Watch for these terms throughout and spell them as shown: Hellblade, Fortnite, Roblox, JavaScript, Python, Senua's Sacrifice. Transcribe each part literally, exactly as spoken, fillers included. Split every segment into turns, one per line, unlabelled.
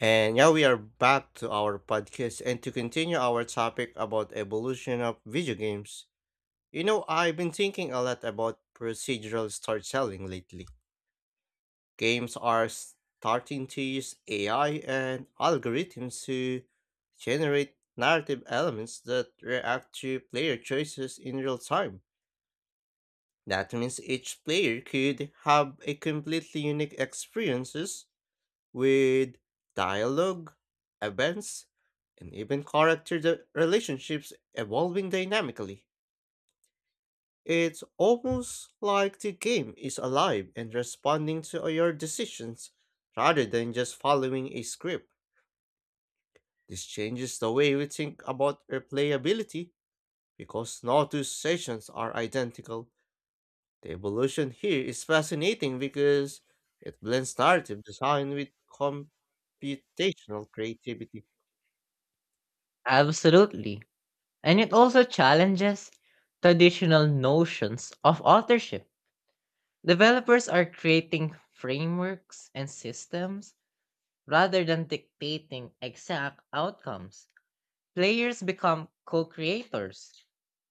And yeah, we are back to our podcast and to continue our topic about evolution of video games. You know, I've been thinking a lot about procedural storytelling lately. Games are starting to use A I and algorithms to generate narrative elements that react to player choices in real time. That means each player could have a completely unique experience with dialogue, events, and even character de- relationships evolving dynamically. It's almost like the game is alive and responding to your decisions rather than just following a script. This changes the way we think about replayability because no two sessions are identical. The evolution here is fascinating because it blends narrative design with computational creativity.
Absolutely. And it also challenges traditional notions of authorship. Developers are creating frameworks and systems rather than dictating exact outcomes. Players become co creators,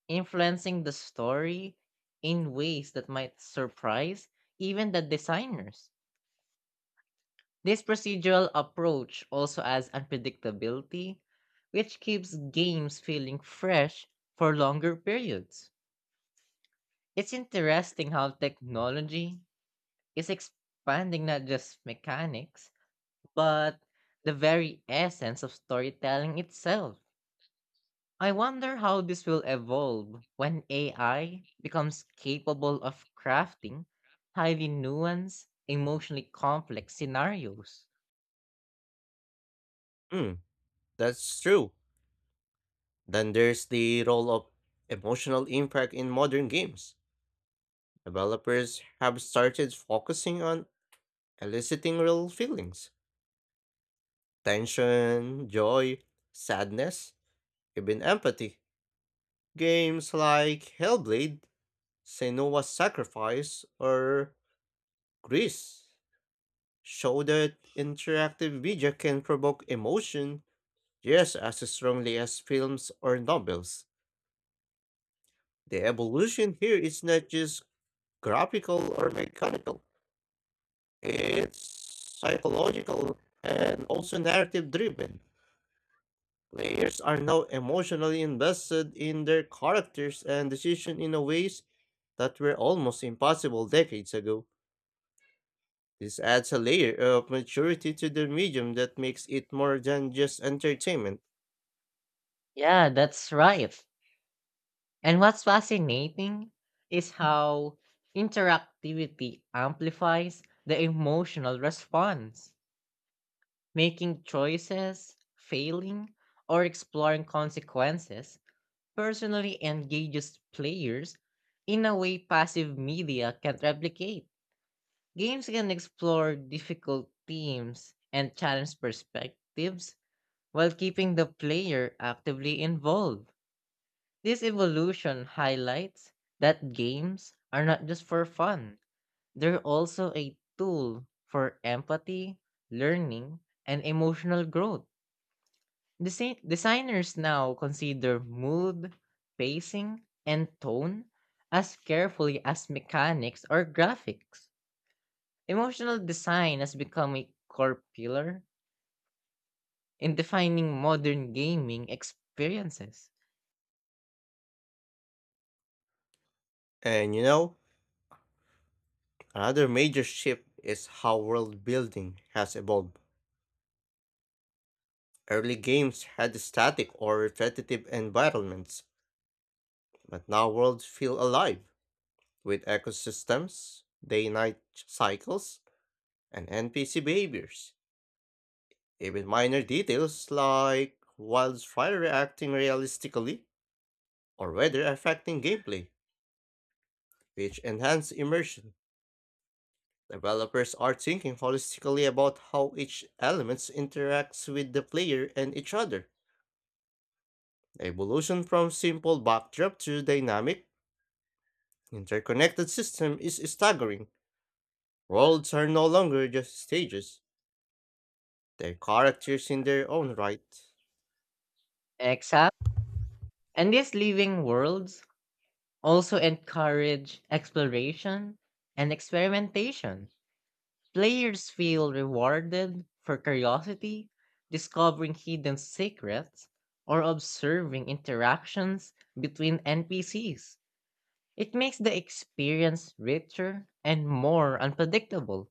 influencing the story in ways that might surprise even the designers. This procedural approach also adds unpredictability, which keeps games feeling fresh for longer periods. It's interesting how technology is expanding not just mechanics, but the very essence of storytelling itself. I wonder how this will evolve when A I becomes capable of crafting highly nuanced, emotionally complex scenarios.
Mm. That's true. Then there's the role of emotional impact in modern games. Developers have started focusing on eliciting real feelings, tension, joy, sadness, even empathy. Games like Hellblade, Senua's Sacrifice, or Grease show that interactive media can provoke emotion just as strongly as films or novels. The evolution here is not just graphical or mechanical. It's psychological and also narrative driven. Players are now emotionally invested in their characters and decisions in a ways that were almost impossible decades ago. This adds a layer of maturity to the medium that makes it more than just entertainment.
Yeah, that's right. And what's fascinating is how interactivity amplifies the emotional response. Making choices, failing, or exploring consequences personally engages players in a way passive media can't replicate. Games can explore difficult themes and challenge perspectives while keeping the player actively involved. This evolution highlights that games are not just for fun, they're also a tool for empathy, learning, and emotional growth. Desi- designers now consider mood, pacing, and tone as carefully as mechanics or graphics. Emotional design has become a core pillar in defining modern gaming experiences.
And you know, another major shift is how world building has evolved. Early games had static or repetitive environments. But now worlds feel alive with ecosystems, day night cycles, and N P C behaviors. Even minor details like wildfire reacting realistically or weather affecting gameplay, which enhance immersion. Developers are thinking holistically about how each element interacts with the player and each other. The evolution from simple backdrop to dynamic, interconnected system is staggering. Worlds are no longer just stages. They're characters in their own right.
Exact. And these living worlds also encourage exploration and experimentation. Players feel rewarded for curiosity, discovering hidden secrets, or observing interactions between N P Cs. It makes the experience richer and more unpredictable,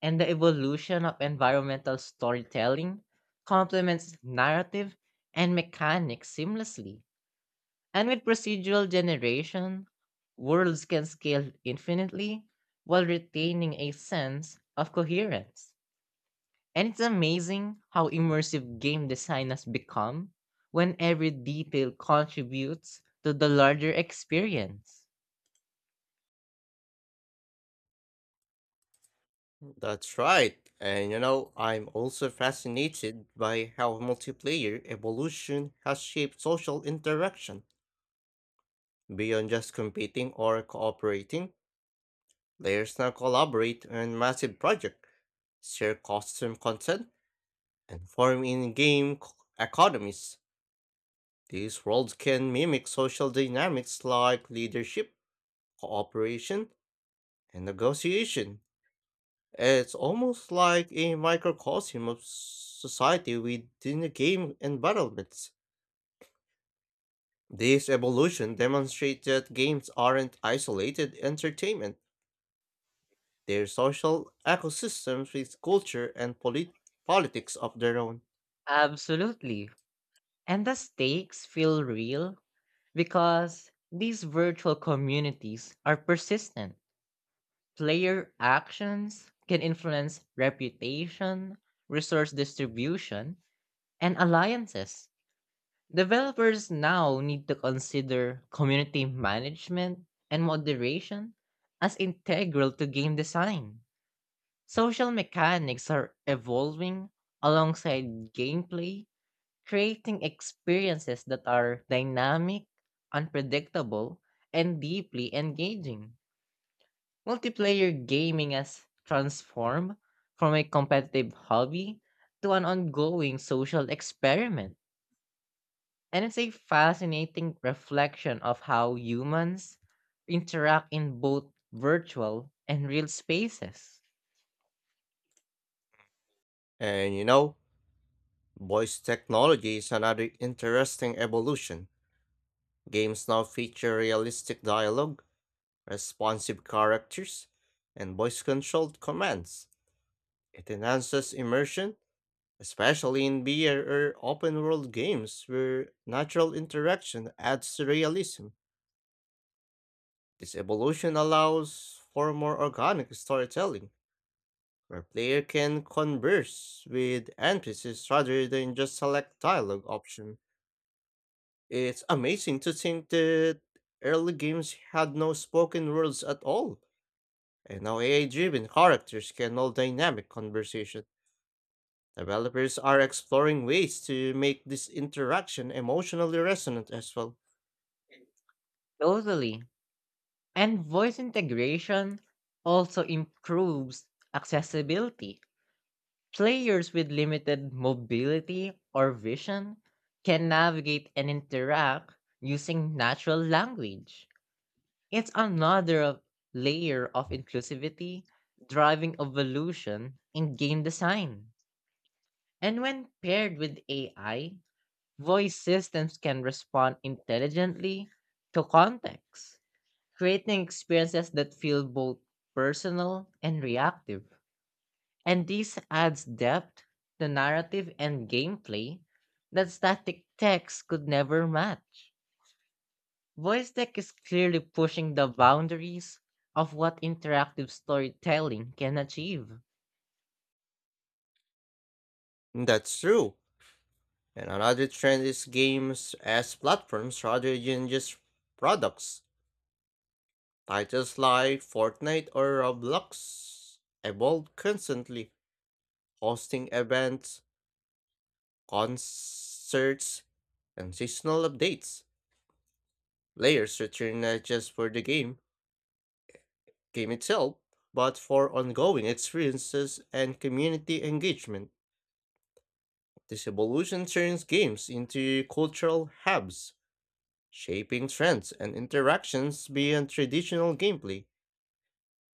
and the evolution of environmental storytelling complements narrative and mechanics seamlessly. And with procedural generation, worlds can scale infinitely while retaining a sense of coherence. And it's amazing how immersive game design has become when every detail contributes to the larger experience.
That's right. And you know, I'm also fascinated by how multiplayer evolution has shaped social interaction. Beyond just competing or cooperating, players now collaborate on massive projects, share custom content, and form in-game c- economies. These worlds can mimic social dynamics like leadership, cooperation, and negotiation. It's almost like a microcosm of society within the game environments. This evolution demonstrates that games aren't isolated entertainment, they're social ecosystems with culture and polit- politics of their own.
Absolutely. And the stakes feel real because these virtual communities are persistent. Player actions can influence reputation, resource distribution, and alliances. Developers now need to consider community management and moderation as integral to game design. Social mechanics are evolving alongside gameplay, creating experiences that are dynamic, unpredictable, and deeply engaging. Multiplayer gaming has transformed from a competitive hobby to an ongoing social experiment, and it's a fascinating reflection of how humans interact in both virtual and real spaces.
And you know, voice technology is another interesting evolution. Games now feature realistic dialogue, responsive characters, and voice controlled commands. It enhances immersion especially in beer or open world games where natural interaction adds to realism. This evolution allows for more organic storytelling, where player can converse with N P Cs rather than just select dialogue option. It's amazing to think that early games had no spoken words at all, and now A I-driven characters can all dynamic conversation. Developers are exploring ways to make this interaction emotionally resonant as well.
Totally. And voice integration also improves accessibility. Players with limited mobility or vision can navigate and interact using natural language. It's another of- layer of inclusivity driving evolution in game design. And when paired with A I, voice systems can respond intelligently to context, creating experiences that feel both personal and reactive. And this adds depth to narrative and gameplay that static text could never match. Voice Deck is clearly pushing the boundaries of what interactive storytelling can achieve.
That's true. And another trend is games as platforms rather than just products. Titles like Fortnite or Roblox evolve constantly, hosting events, concerts, and seasonal updates. Players return not just for the game, game itself, but for ongoing experiences and community engagement. This evolution turns games into cultural hubs, shaping trends and interactions beyond traditional gameplay.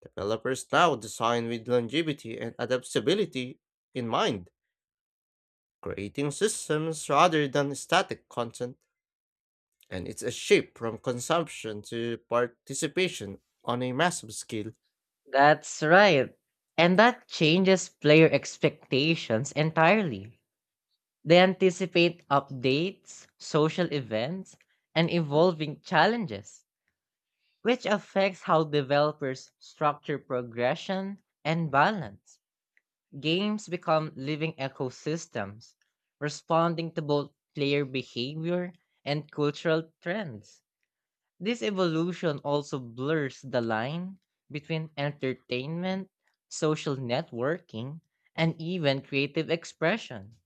Developers now design with longevity and adaptability in mind, creating systems rather than static content, and it's a shift from consumption to participation on a massive scale.
That's right. And that changes player expectations entirely. They anticipate updates, social events, and evolving challenges, which affects how developers structure progression and balance. Games become living ecosystems, responding to both player behavior and cultural trends. This evolution also blurs the line between entertainment, social networking, and even creative expression.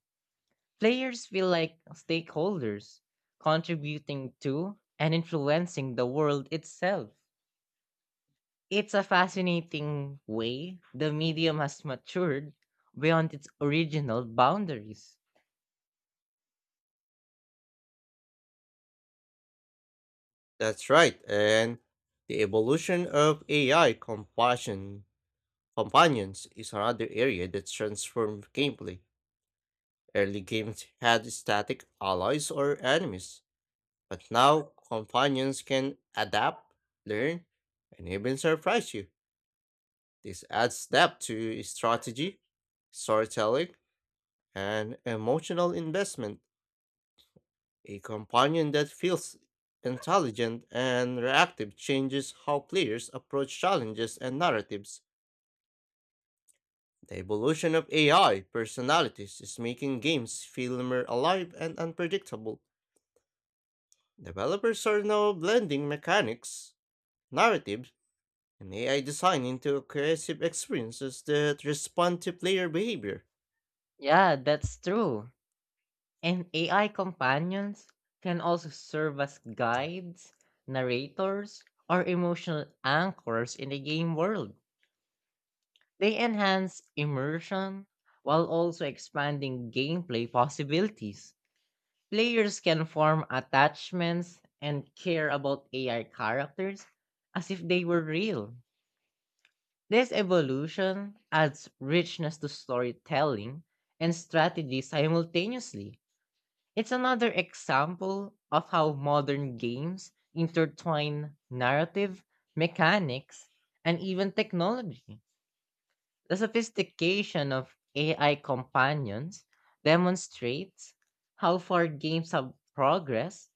Players feel like stakeholders, contributing to and influencing the world itself. It's a fascinating way the medium has matured beyond its original boundaries.
That's right, and the evolution of A I compassion companions is another area that transforms gameplay. Early games had static allies or enemies, but now companions can adapt, learn, and even surprise you. This adds depth to strategy, storytelling, and emotional investment. A companion that feels intelligent and reactive changes how players approach challenges and narratives. The evolution of A I personalities is making games feel more alive and unpredictable. Developers are now blending mechanics, narrative, and A I design into cohesive experiences that respond to player behavior.
Yeah, that's true. And A I companions can also serve as guides, narrators, or emotional anchors in the game world. They enhance immersion while also expanding gameplay possibilities. Players can form attachments and care about A I characters as if they were real. This evolution adds richness to storytelling and strategy simultaneously. It's another example of how modern games intertwine narrative, mechanics, and even technology. The sophistication of A I companions demonstrates how far games have progressed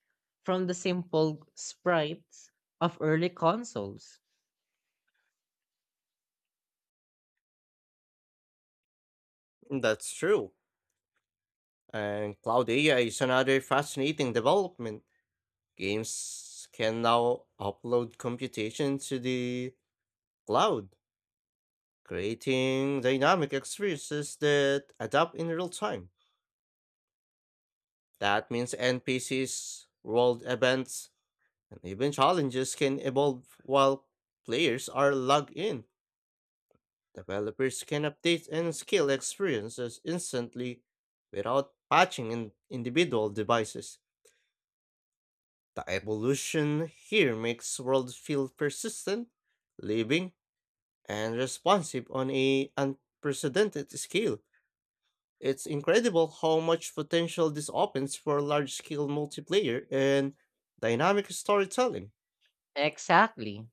from the simple sprites of early consoles.
That's true. And cloud A I is another fascinating development. Games can now upload computation to the cloud, creating dynamic experiences that adapt in real time. That means N P Cs, world events, and even challenges can evolve while players are logged in. Developers can update and scale experiences instantly without patching in individual devices. The evolution here makes world feel persistent, living, and responsive on a unprecedented scale. It's incredible how much potential this opens for large-scale multiplayer and dynamic storytelling.
Exactly.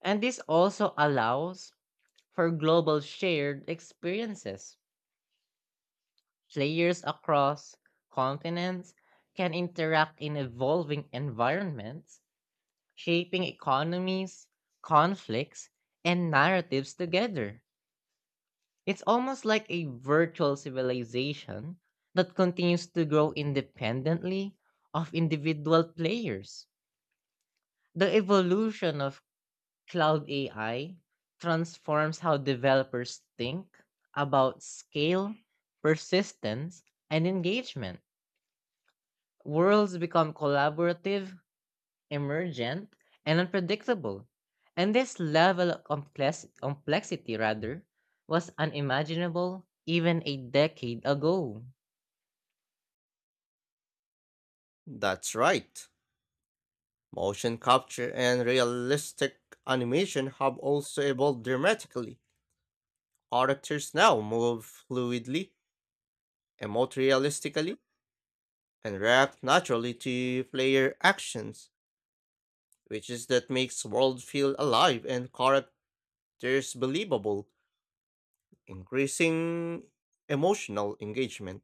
And this also allows for global shared experiences. Players across continents can interact in evolving environments, shaping economies, conflicts, and narratives together. It's almost like a virtual civilization that continues to grow independently of individual players. The evolution of Cloud A I transforms how developers think about scale, persistence, and engagement. Worlds become collaborative, emergent, and unpredictable. And this level of complex- complexity, rather, was unimaginable even a decade ago.
That's right. Motion capture and realistic animation have also evolved dramatically. Characters now move fluidly, emote realistically, and react naturally to player actions, which is that makes world feel alive and characters believable, increasing emotional engagement.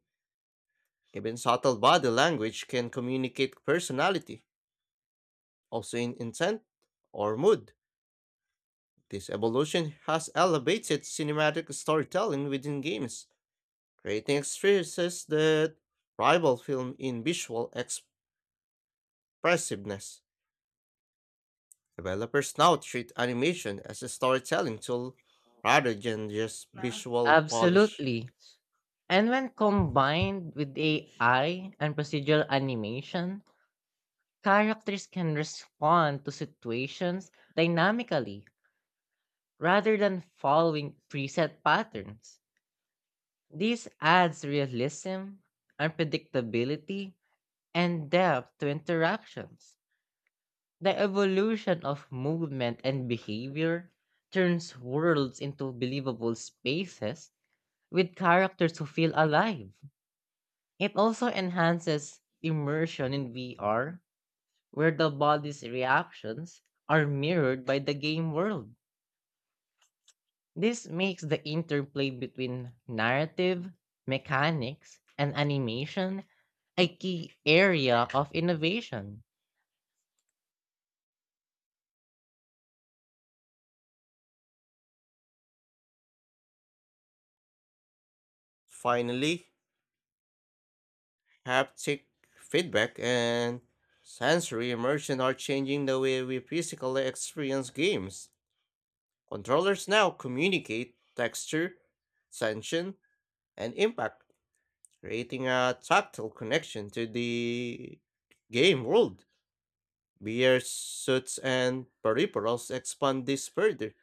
Even subtle body language can communicate personality, also in intent or mood. This evolution has elevated cinematic storytelling within games, creating experiences that rival film in visual expressiveness. Developers now treat animation as a storytelling tool rather than just visual polish.
Absolutely. And when combined with A I and procedural animation, characters can respond to situations dynamically rather than following preset patterns. This adds realism, unpredictability, and depth to interactions. The evolution of movement and behavior turns worlds into believable spaces with characters who feel alive. It also enhances immersion in V R where the body's reactions are mirrored by the game world. This makes the interplay between narrative, mechanics, and animation a key area of innovation.
Finally, haptic feedback and sensory immersion are changing the way we physically experience games. Controllers now communicate texture, tension, and impact creating a tactile connection to the game world. V R suits and peripherals expand this further,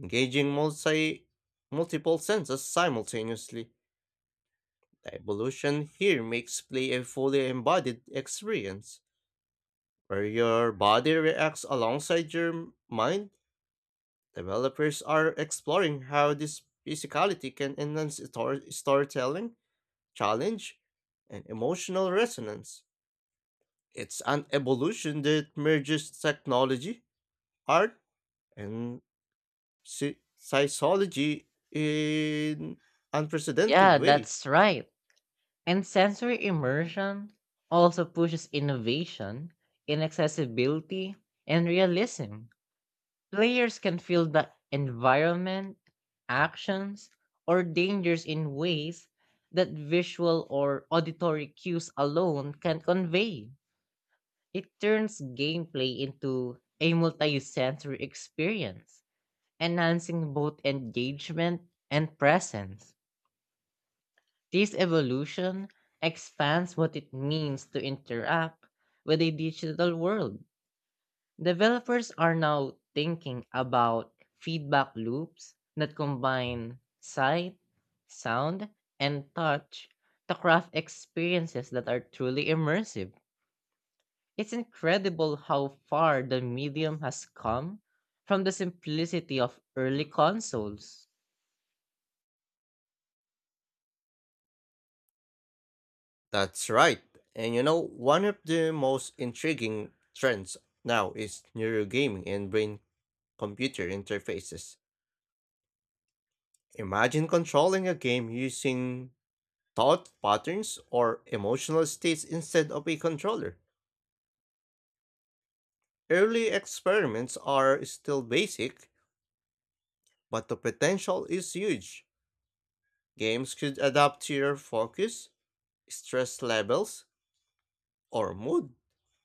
engaging multi multiple senses simultaneously. The evolution here makes play a fully embodied experience, where your body reacts alongside your mind. Developers are exploring how this physicality can enhance story- storytelling, challenge, and emotional resonance. It's an evolution that merges technology, art, and psy- psychology in unprecedented
Yeah,
way.
that's right. And sensory immersion also pushes innovation in accessibility and realism. Players can feel the environment, actions, or dangers in ways that visual or auditory cues alone can convey. It turns gameplay into a multi-sensory experience, enhancing both engagement and presence. This evolution expands what it means to interact with a digital world. Developers are now thinking about feedback loops that combine sight, sound, and touch to craft experiences that are truly immersive. It's incredible how far the medium has come from the simplicity of early consoles.
That's right. And you know, one of the most intriguing trends now is neurogaming and brain computer interfaces. Imagine controlling a game using thought patterns or emotional states instead of a controller. Early experiments are still basic, but the potential is huge. Games could adapt to your focus, stress levels, or mood,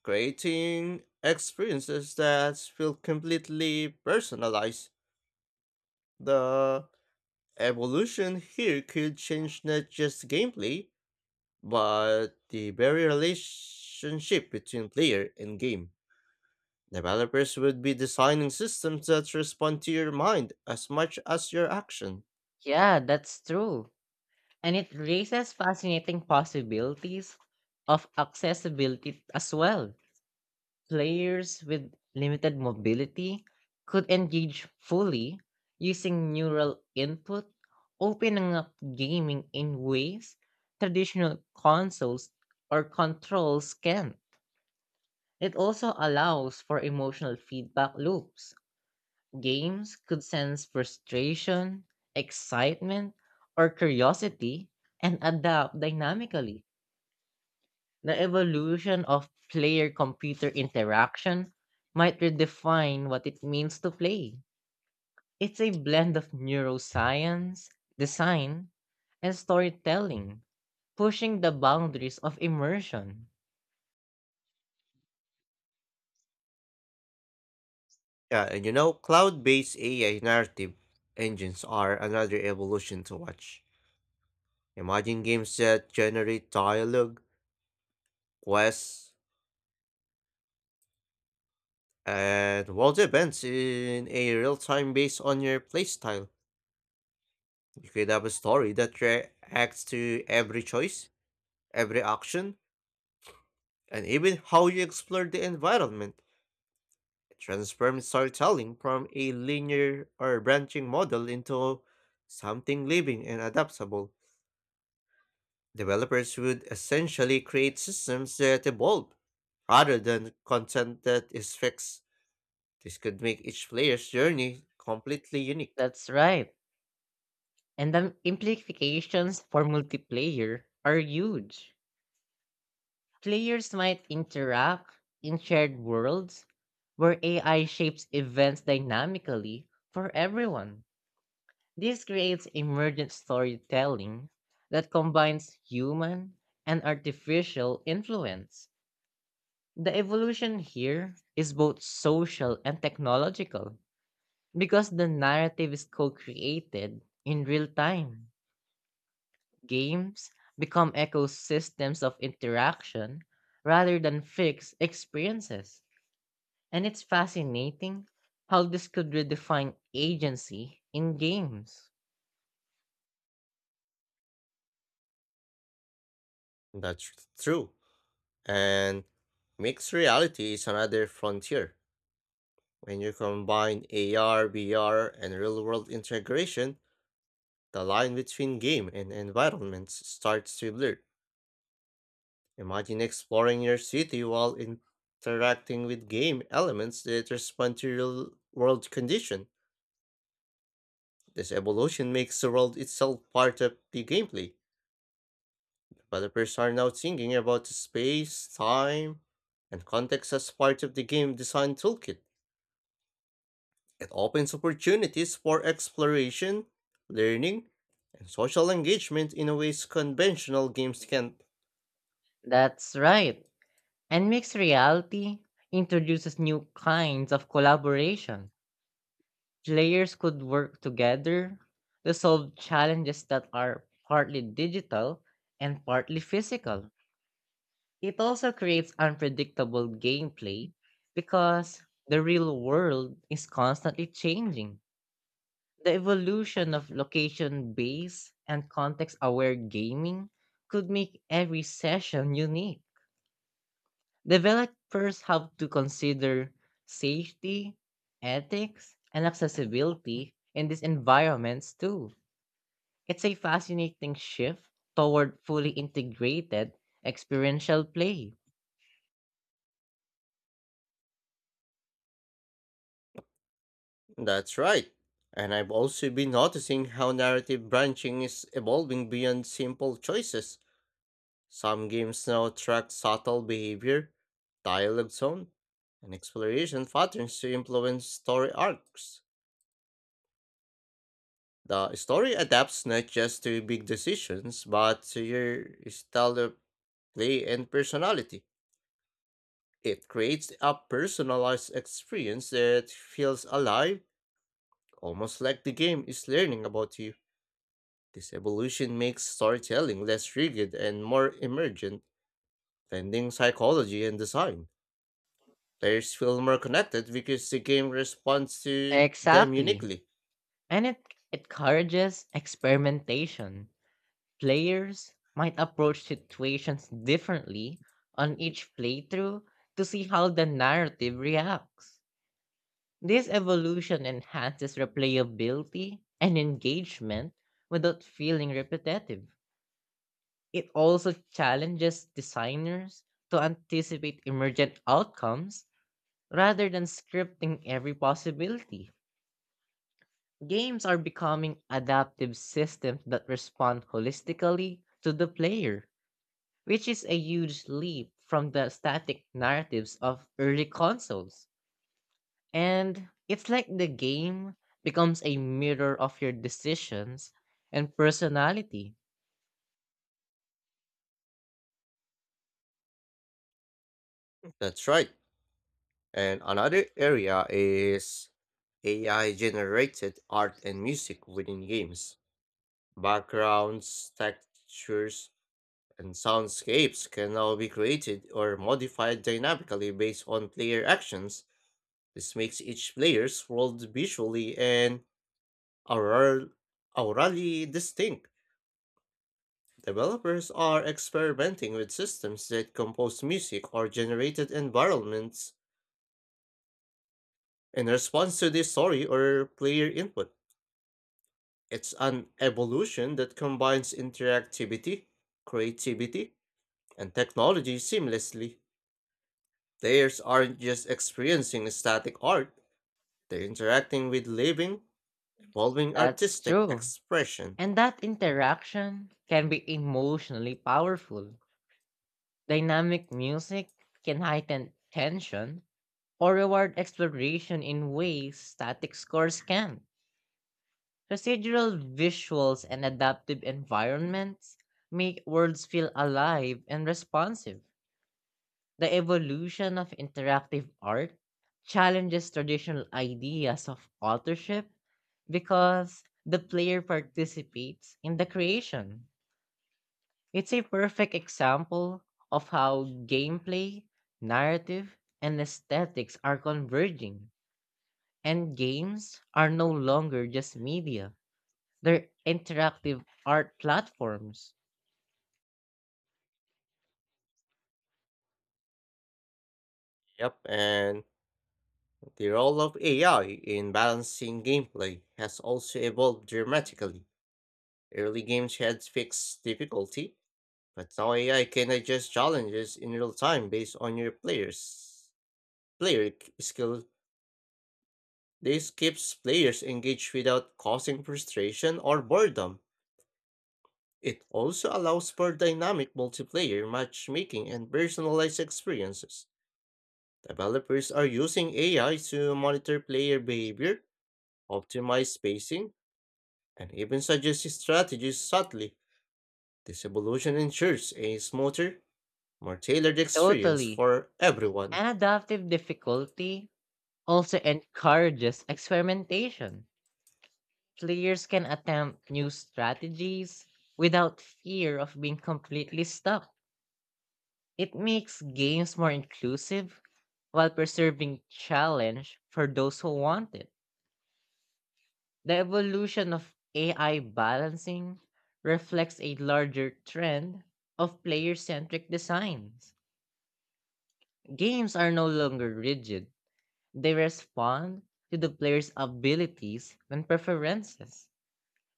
creating experiences that feel completely personalized. The evolution here could change not just gameplay, but the very relationship between player and game. Developers would be designing systems that respond to your mind as much as your action.
Yeah, that's true. And it raises fascinating possibilities of accessibility as well. Players with limited mobility could engage fully using neural input, opening up gaming in ways traditional consoles or controls can. It also allows for emotional feedback loops. Games could sense frustration, excitement, or curiosity and adapt dynamically. The evolution of player computer interaction might redefine what it means to play. It's a blend of neuroscience, design, and storytelling, pushing the boundaries of immersion.
Yeah, and you know, cloud based A I narrative engines are another evolution to watch. Imagine games that generate dialogue, quests, and world events in a real time based on your playstyle. You could have a story that reacts to every choice, every action, and even how you explore the environment. It transforms storytelling from a linear or branching model into something living and adaptable. Developers would essentially create systems that evolve rather than content that is fixed. This could make each player's journey completely unique.
That's right. And the implications for multiplayer are huge. Players might interact in shared worlds where A I shapes events dynamically for everyone. This creates emergent storytelling that combines human and artificial influence. The evolution here is both social and technological because the narrative is co created in real time. Games become ecosystems of interaction rather than fixed experiences. And it's fascinating how this could redefine agency in games.
That's true. And mixed reality is another frontier. When you combine A R, V R, and real world integration, the line between game and environments starts to blur. Imagine exploring your city while interacting with game elements that respond to real world conditions. This evolution makes the world itself part of the gameplay. Developers are now thinking about the space, time, and context as part of the game design toolkit. It opens opportunities for exploration, learning, and social engagement in ways conventional games can't.
That's right. And mixed reality introduces new kinds of collaboration. Players could work together to solve challenges that are partly digital and partly physical. It also creates unpredictable gameplay because the real world is constantly changing. The evolution of location based and context aware gaming could make every session unique. Developers have to consider safety, ethics, and accessibility in these environments too. It's a fascinating shift toward fully integrated experiential play.
That's right. And I've also been noticing how narrative branching is evolving beyond simple choices. Some games now track subtle behavior, dialogue tone, and exploration patterns to influence story arcs. The story adapts not just to big decisions, but to your style of play and personality. It creates a personalized experience that feels alive, almost like the game is learning about you. This evolution makes storytelling less rigid and more emergent, blending psychology and design. Players feel more connected because the game responds to them
Exactly.
uniquely.
And it encourages experimentation. Players might approach situations differently on each playthrough to see how the narrative reacts. This evolution enhances replayability and engagement without feeling repetitive. It also challenges designers to anticipate emergent outcomes rather than scripting every possibility. Games are becoming adaptive systems that respond holistically to the player, which is a huge leap from the static narratives of early consoles. And it's like the game becomes a mirror of your decisions and personality.
That's right. And another area is A I generated art and music within games. Backgrounds, textures, and soundscapes can now be created or modified dynamically based on player actions. This makes each player's world visually and aural- aurally distinct. Developers are experimenting with systems that compose music or generated environments in response to the story or player input. It's an evolution that combines interactivity, creativity, and technology seamlessly. Players aren't just experiencing static art, they're interacting with living, evolving
That's
artistic
true.
expression.
And that interaction can be emotionally powerful. Dynamic music can heighten tension or reward exploration in ways static scores can't. Procedural visuals and adaptive environments make worlds feel alive and responsive. The evolution of interactive art challenges traditional ideas of authorship because the player participates in the creation. It's a perfect example of how gameplay, narrative, and aesthetics are converging, and games are no longer just media. They're interactive art platforms.
Yep, and the role of A I in balancing gameplay has also evolved dramatically. Early games had fixed difficulty, but now A I can adjust challenges in real time based on your players' player k- skill. This keeps players engaged without causing frustration or boredom. It also allows for dynamic multiplayer matchmaking and personalized experiences. Developers are using A I to monitor player behavior, optimize spacing, and even suggest strategies subtly. This evolution ensures a smoother, more tailored experience
Totally.
for everyone.
And adaptive difficulty also encourages experimentation. Players can attempt new strategies without fear of being completely stuck. It makes games more inclusive while preserving challenge for those who want it. The evolution of A I balancing reflects a larger trend of player centric designs. Games are no longer rigid. They respond to the player's abilities and preferences.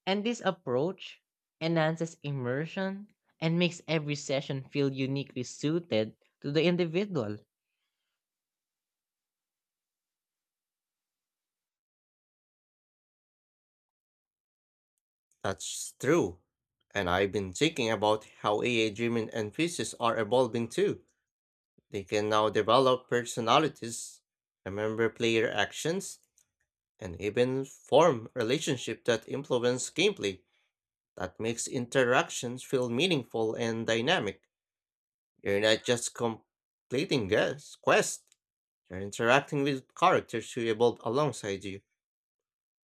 And this approach enhances immersion and makes every session feel uniquely suited to the individual.
That's true. And I've been thinking about how A I driven N P Cs are evolving too. They can now develop personalities, remember player actions, and even form relationships that influence gameplay. That makes interactions feel meaningful and dynamic. You're not just completing guess- quests, you're interacting with characters who evolve alongside you.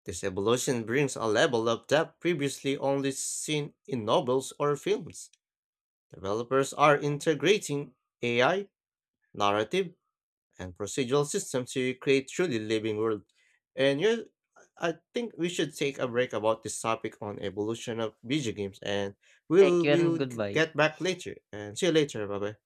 This evolution brings a level of depth previously only seen in novels or films. Developers are integrating A I, narrative, and procedural systems to create truly living world. And you I think we should take a break about this topic on evolution of video games and
Thank
we'll
you and
we'll g-
goodbye.
get back later and see you later. Bye bye.